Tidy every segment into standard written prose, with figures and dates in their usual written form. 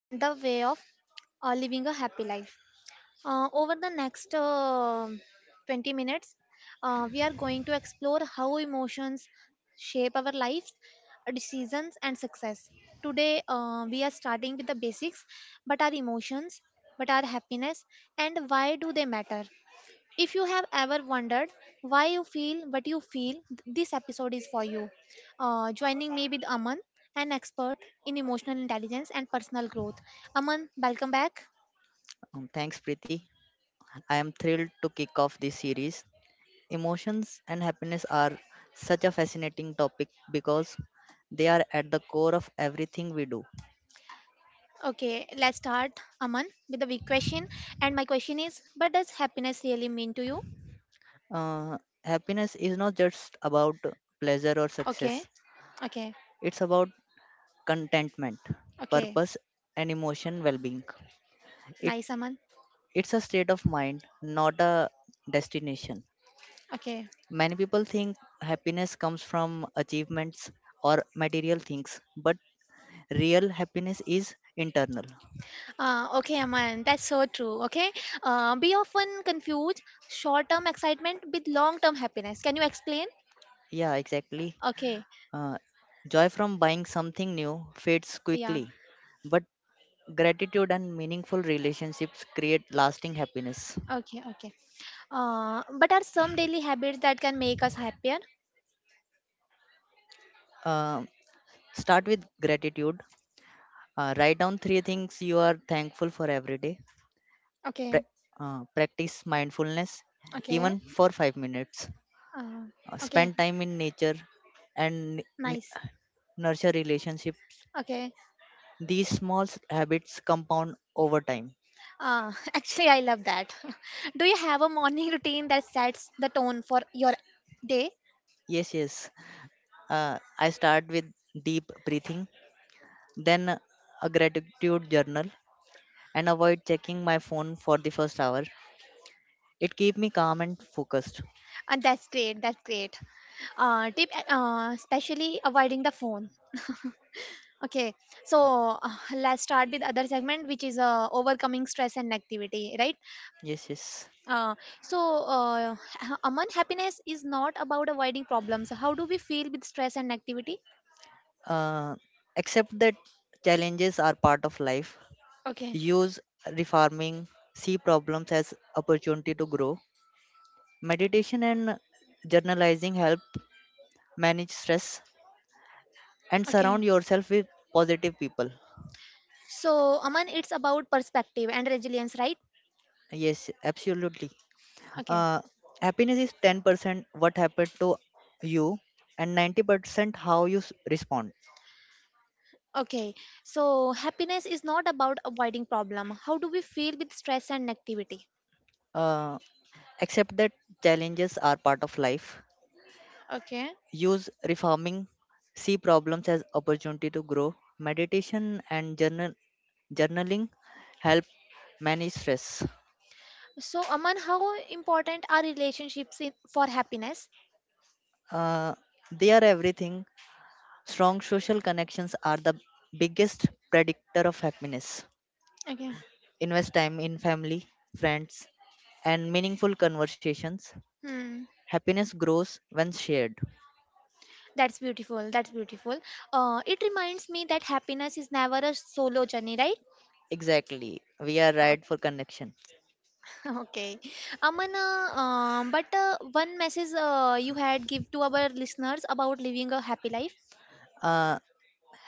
and the Way of Living a Happy Life. Over the next 20 minutes, we are going to explore how emotions shape our lives, decisions, and success. Today, we are starting with the basics but are emotions, but are happiness, and why do they matter? If you have ever wondered why you feel what you feel, this episode is for you. Joining me with Aman, an expert in emotional intelligence and personal growth. Aman, welcome back. Thanks Preeti. Preeti, I am thrilled to kick off this series. Emotions and happiness are such a fascinating topic because they are at the core of everything we do. Okay, let's start, Aman, with the big question. And my question is, what does happiness really mean to you? Uh, Happiness is not just about pleasure or Okay, success. okay, It's about contentment, okay. purpose and emotion well-being. It Nice, Aman. it's a state of mind, not a destination. Okay. Many people think happiness comes from achievements or material things, but real happiness is internal. Okay, Aman, that's so true. Okay. We often confuse short term excitement with long term happiness. Can you explain? Yeah, exactly. Okay. Uh, Joy from buying something new fades Yeah. quickly, but gratitude and meaningful relationships create lasting happiness. Okay. Okay. But are some daily habits that can make us happier? Uh, Start with gratitude. Write down 3 things you are thankful for every day. Pra- Okay. Practice mindfulness, Okay. even for 5 minutes. Uh, okay. Spend time in nature and n- Nice. nurture relationships. Okay. These small habits compound over time. Actually, I love that. Do you have a morning routine that sets the tone for your day? Yes, yes. uh, I start with deep breathing, then a gratitude journal, and avoid checking my phone for the 1st hour. It keeps me calm and focused. And that's great. That's great. Tip, especially avoiding the phone. Okay. So let's start with other segment, which is overcoming stress and negativity, right? Yes, yes. Uh, so, Aman, happiness is not about avoiding problems. How do we feel with stress and activity? uh, Accept that challenges are part of life. Okay, Use refarming, see problems as opportunity to grow. Meditation and journalizing help manage stress and okay. surround yourself with positive people. So, Aman, it's about perspective and resilience, right? Yes, absolutely. Okay, Uh, Happiness is 10% what happened to you and 90% how you respond. okay. So, happiness is not about avoiding problem. How do we feel with stress and activity? Uh, Accept that challenges are part of life. Okay. Use reforming, see problems as opportunity to grow. Meditation and journaling help manage stress. So, Aman, how important are relationships in, for happiness? Uh, they are everything. Strong social connections are the biggest predictor of happiness. Okay. Invest time in family, friends, and meaningful conversations. Hmm. Happiness grows when shared. That's beautiful. That's beautiful. It reminds me that happiness is never a solo journey, right? Exactly. We are right for connections. Okay, Amana. But one message you had give to our listeners about living a happy life. Uh,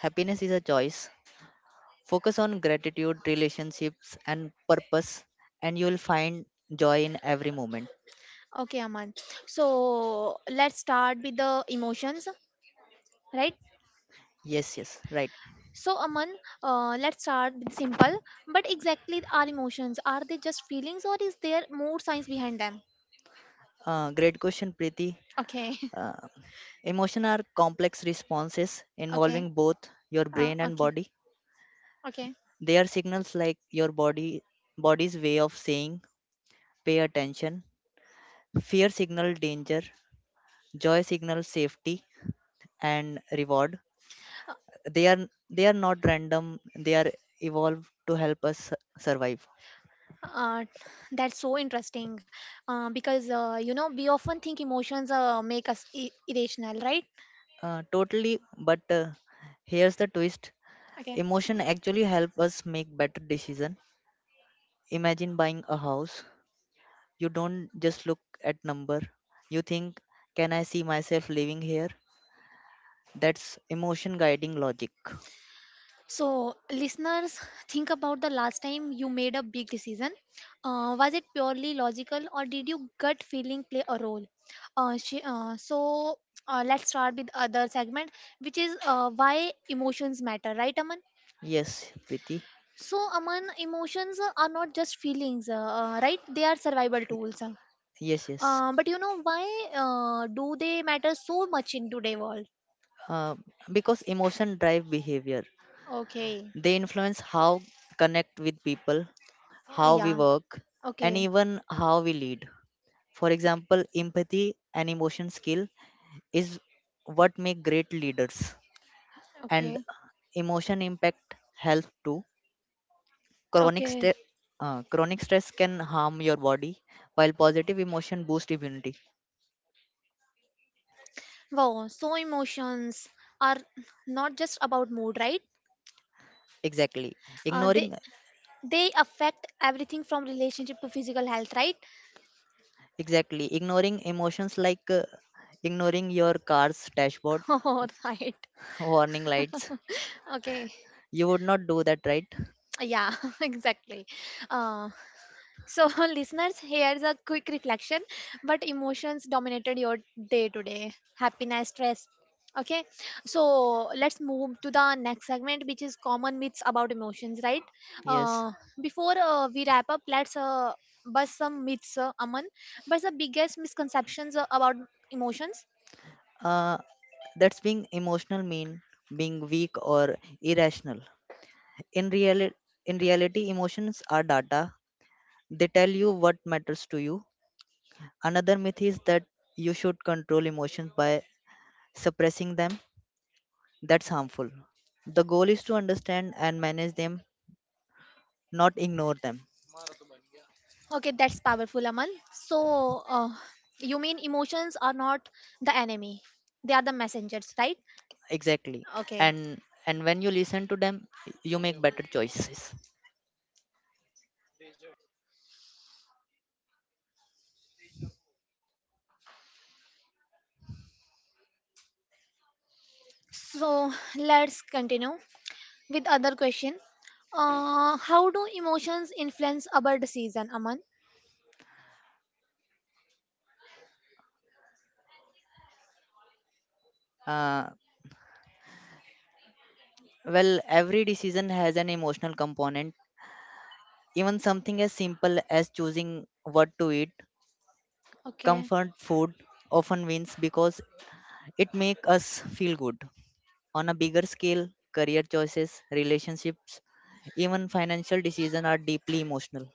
Happiness is a choice. Focus on gratitude, relationships, and purpose, and you will find joy in every moment. Okay, Aman. So let's start with the emotions, right? Yes, yes, right. So Aman, let's start with simple. But exactly our emotions are they just feelings or is there more science behind them? Great question, Preeti. Okay, Uh, Emotions are complex responses okay, involving both your brain and okay, body. okay. They are signals, like your body's way of saying pay attention. Fear signal danger, joy signal safety and reward. Uh, They are not random, they are evolved to help us survive. uh, that's so interesting because you know we often think emotions make us irrational, right? Totally, but here's the twist. Okay. Emotion actually help us make better decision. Imagine buying a house. You don't just look at number. You think, can I see myself living here? That's emotion guiding logic. So, listeners, think about the last time you made a big decision. Was it purely logical or did your gut feeling play a role? Uh, sh- uh, so, let's start with other segment, which is why emotions matter, right, Aman? Yes, Priti. So, Aman, emotions are not just feelings, right? They are survival tools. Yes, yes. But you know why do they matter so much in today world? Uh, because emotion drive behavior. Okay. They influence how connect with people, how we Yeah. work, and Okay. even how we lead. For example, empathy and emotion skill is what make great leaders, and Okay. emotion impact health too. Chronic, Okay. st- Chronic stress can harm your body, while positive emotion boost immunity. Wow, so emotions are not just about mood, right? Exactly. Uh, they Ignoring they affect everything from relationship to physical health, right? exactly Ignoring emotions like ignoring your car's dashboard Oh, right. warning lights. Okay. You would not do that, right? Yeah, exactly. Uh, So listeners, here's a quick reflection. But emotions dominated your day today. Happiness, stress. Okay. So let's move to the next segment, which is common myths about emotions, right? Yes. Uh, before we wrap up, let's bust some myths, Aman. But the biggest misconceptions about emotions. Uh, that's being emotional mean being weak or irrational. In reality, in reality, emotions are data. They tell you what matters to you. Another myth is that you should control emotions by suppressing them. That's harmful. The goal is to understand and manage them, not ignore them. Okay, that's powerful, Aman. So you mean emotions are not the enemy; they are the messengers, right? Exactly. Okay. And and when you listen to them, you make better choices. So let's continue with other question. How do emotions influence our decision, Aman? Uh, well, every decision has an emotional component. Even something as simple as choosing what to eat, Okay, comfort food often wins because it makes us feel good. On a bigger scale, career choices, relationships, even financial decisions are deeply emotional.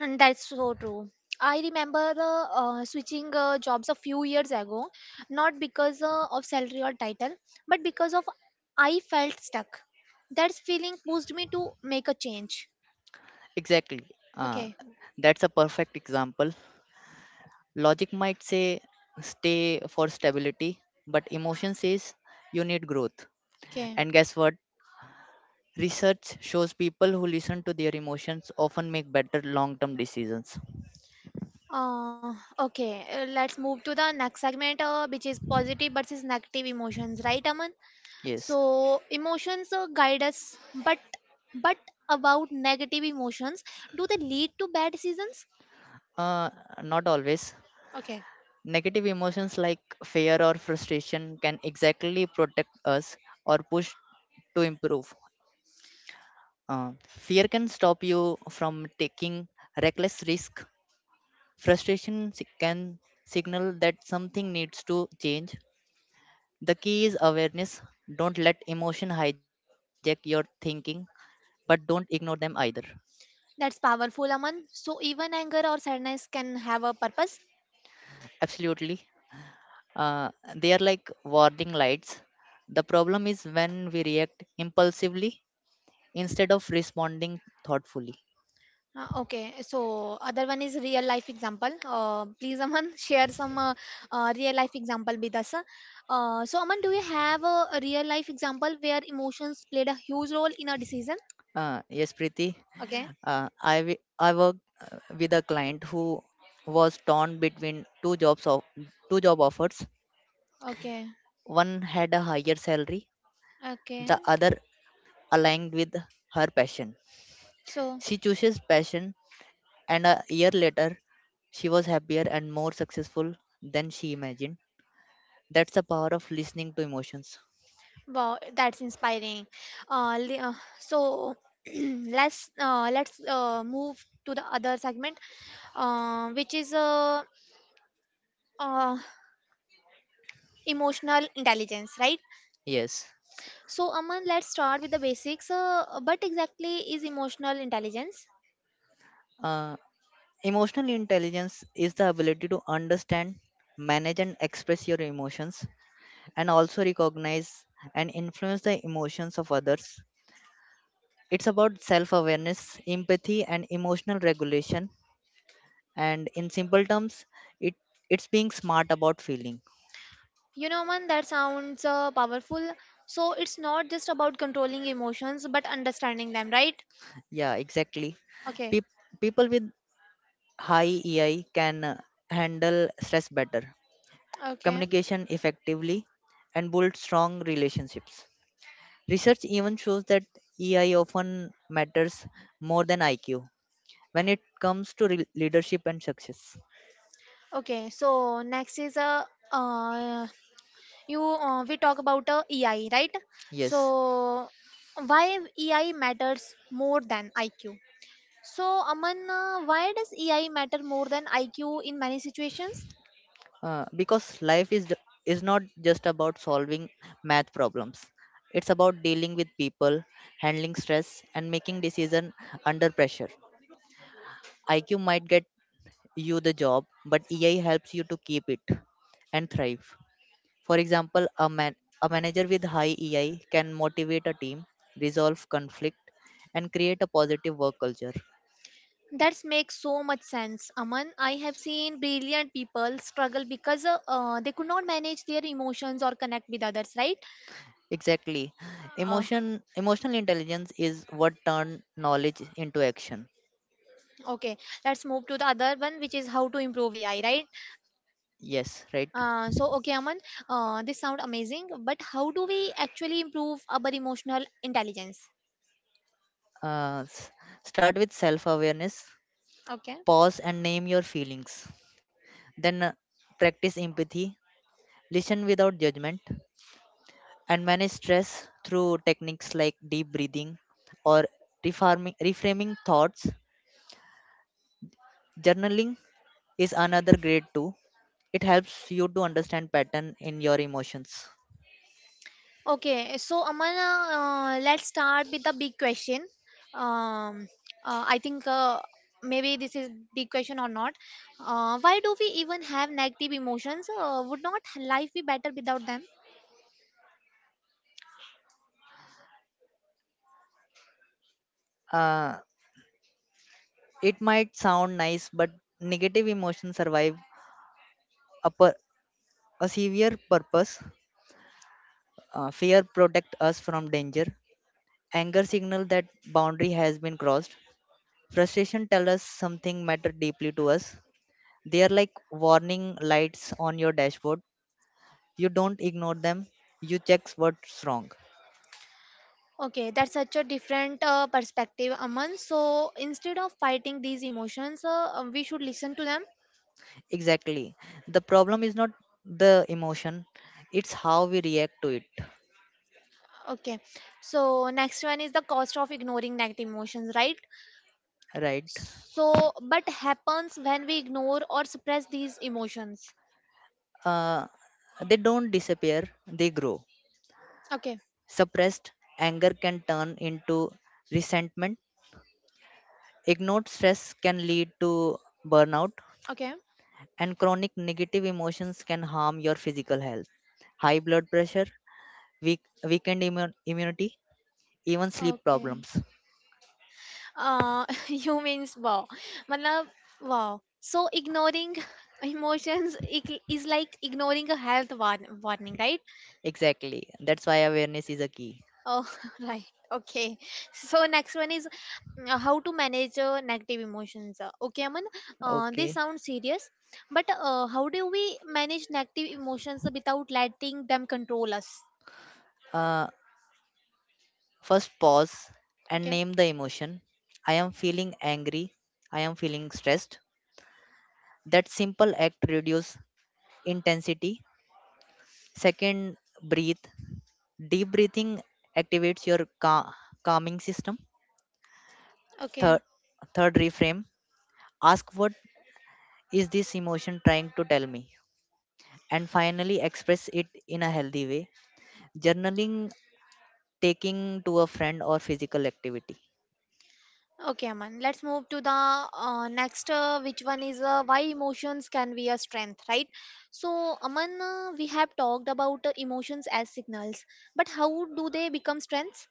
and that's so true. I remember switching jobs a few years ago, not because of salary or title, but because of I felt stuck. That feeling pushed me to make a change. Exactly. Uh, Okay, that's a perfect example. Logic might say stay for stability, but emotion says you need growth. okay. And guess what? Research shows people who listen to their emotions often make better long term decisions. Uh, okay, let's move to the next segment, which is positive versus negative emotions, right, Aman? Yes. So emotions guide us but about negative emotions do they lead to bad seasons. Uh, Not always. Okay, Negative emotions like fear or frustration can exactly protect us or push to improve. Uh, Fear can stop you from taking reckless risk. Frustration can signal that something needs to change. The key is awareness. Don't let emotion hijack your thinking, but don't ignore them either. that's powerful, Aman. So even anger or sadness can have a purpose. Absolutely. They are like warning lights. The problem is when we react impulsively instead of responding thoughtfully. Okay, so other one is real life example, please Aman. Share some real life example with us. So Aman, do you have a real life example where emotions played a huge role in a decision? Yes, Preeti. Okay, I worked with a client who was torn between two job offers. okay, One had a higher salary, okay. the other aligned with her passion. So. She chooses passion, and a year later, she was happier and more successful than she imagined. That's the power of listening to emotions. Wow, that's inspiring. Uh, li- uh, so let's move to the other segment, which is uh, emotional intelligence, right? Yes. So Aman, let's start with the basics. What exactly is emotional intelligence? Uh, Emotional intelligence is the ability to understand, manage, and express your emotions, and also recognize and influence the emotions of others. It's about self awareness, empathy, and emotional regulation, and in simple terms, it it's being smart about feeling. You know, Aman, that sounds powerful. So it's not just about controlling emotions, but understanding them, right? Yeah, exactly. Okay, Peop- People with high EI can handle stress better, okay, communication effectively, and build strong relationships. Research even shows that EI often matters more than IQ when it comes to leadership and success. okay. So next is a uh, uh, you we talk about EI, right? So Yes. why EI matters more than IQ. So Aman, why does EI matter more than IQ in many situations? Because life is is not just about solving math problems. It's about dealing with people, handling stress, and making decision under pressure. IQ might get you the job, but EI helps you to keep it and thrive. For example, a manager with high EI can motivate a team, resolve conflict, and create a positive work culture. That makes so much sense, Aman. I have seen brilliant people struggle because they could not manage their emotions or connect with others, right? Exactly. uh, emotion Emotional intelligence is what turn knowledge into action. okay let's move to the other one, which is how to improve EI, right? Yes, right. So okay, Aman, this sound amazing, but how do we actually improve our emotional intelligence? Uh, s- Start with self awareness, Okay. pause and name your feelings. Then practice empathy, listen without judgment, and manage stress through techniques like deep breathing or reframing thoughts. Journaling is another great tool. It helps you to understand pattern in your emotions. Okay, so Aman, let's start with the big question. Um, I think maybe this is big question or not. Why do we even have negative emotions? Would not life be better without them? Uh, it might sound nice, but negative emotions survive a, pur- a severe purpose. Fear protect us from danger. Anger signal that boundary has been crossed. Frustration tell us something mattered deeply to us. They are like warning lights on your dashboard. You don't ignore them. You check what's wrong. Okay, that's such a different perspective, Aman. So instead of fighting these emotions, we should listen to them. Exactly. The problem is not the emotion. It's how we react to it. Okay. So next one is the cost of ignoring negative emotions, right? Right. So but happens when we ignore or suppress these emotions. Uh, they don't disappear. They grow. Okay. Suppressed anger can turn into resentment. Ignored stress can lead to burnout, Okay. and chronic negative emotions can harm your physical health. High blood pressure, weak, weakened immunity, even sleep Okay. problems. Uh, you means wow. Matlab, wow. So ignoring emotions is like ignoring a warning, right? Exactly. That's why awareness is a key. Oh, right. Okay. So next one is how to manage negative emotions. Okay, Aman. This Okay. sounds serious, but how do we manage negative emotions without letting them control us? Uh, First, pause and Okay. name the emotion. I am feeling angry. I am feeling stressed. That simple act reduce intensity. Second, breathe. Deep breathing activates your calming system. Okay. Third, Third, reframe. Ask what is this emotion trying to tell me, and finally express it in a healthy way: journaling, taking to a friend, or physical activity. Okay, Aman. Let's move to the next, which one is why emotions can be a strength, right? So, Aman, we have talked about emotions as signals, but how do they become strengths?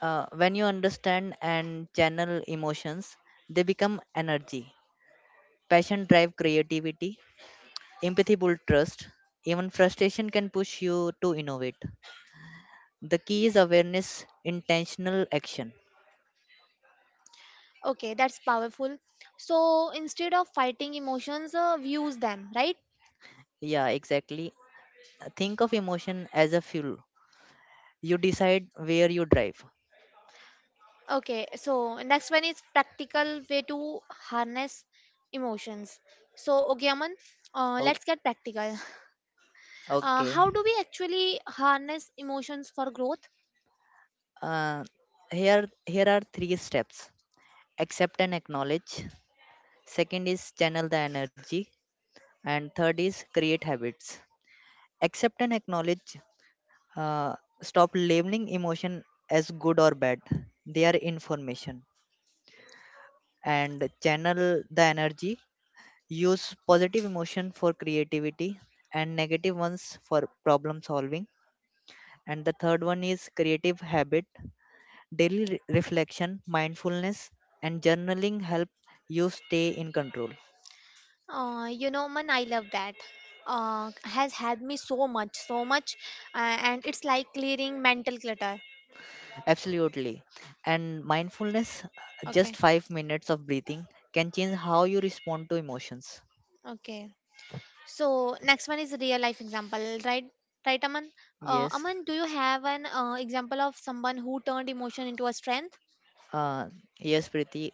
When you understand and channel emotions, they become energy. Passion drive creativity, empathy build trust, even frustration can push you to innovate. The key is awareness, intentional action. Okay, that's powerful. So instead of fighting emotions, we use them, right? Yeah, exactly. Think of emotion as a fuel. You decide where you drive. Okay, so next one is practical way to harness emotions. So, okay, Aman, O- let's get practical. Uh, okay. how do we actually harness emotions for growth? Uh, Here are 3 steps: accept and acknowledge, second is channel the energy, and third is create habits. Accept and acknowledge. Uh, Stop labeling emotion as good or bad. They are information. And channel the energy. Use positive emotion for creativity and negative ones for problem solving. And the third one is creative habit. Daily reflection, mindfulness, and journaling help you stay in control. You know, Aman, I love that. Has helped me so much, so much, and it's like clearing mental clutter. Absolutely. And mindfulness, Okay, just 5 minutes of breathing, can change how you respond to emotions. okay. So next one is real life example, right? Right, Aman. Uh, Yes. Aman, do you have an example of someone who turned emotion into a strength? Uh, yes, Preeti.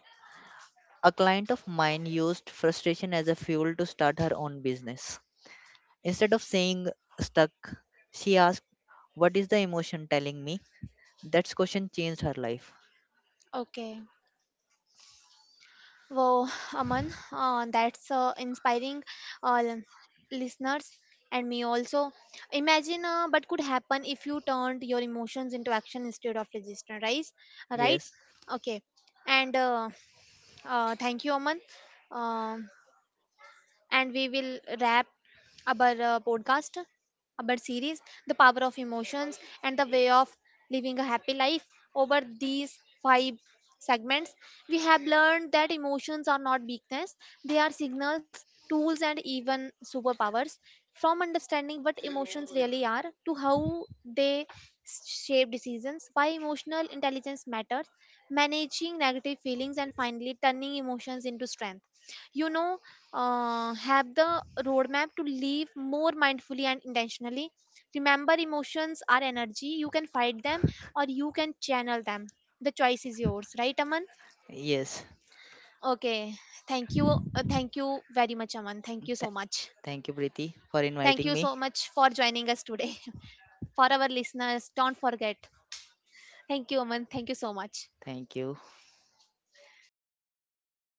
A client of mine used frustration as a fuel to start her own business. Instead of saying stuck, she asked, what is the emotion telling me? That question changed her life. Okay. Wow, Aman, that's inspiring, uh, listeners and me also. Imagine what could happen if you turned your emotions into action instead of resistance, right? Right? Yes. Okay. And thank you, Aman. Um and we will wrap our podcast, our series, The Power of Emotions and the Way of Living a Happy Life. Over these 5 segments, we have learned that emotions are not weakness, they are signals, tools, and even superpowers. From understanding what emotions really are to how they shape decisions, why emotional intelligence matters, managing negative feelings, and finally turning emotions into strength, you know, have the roadmap to live more mindfully and intentionally. Remember, emotions are energy. You can fight them or you can channel them. The choice is yours, right, Aman? Yes. Okay. Thank you. Thank you very much, Aman. Thank you Th- so much. Thank you, Preeti, for Thank inviting you me. so much for joining us today. For our listeners, don't forget. Thank you, Aman. Thank you so much. Thank you.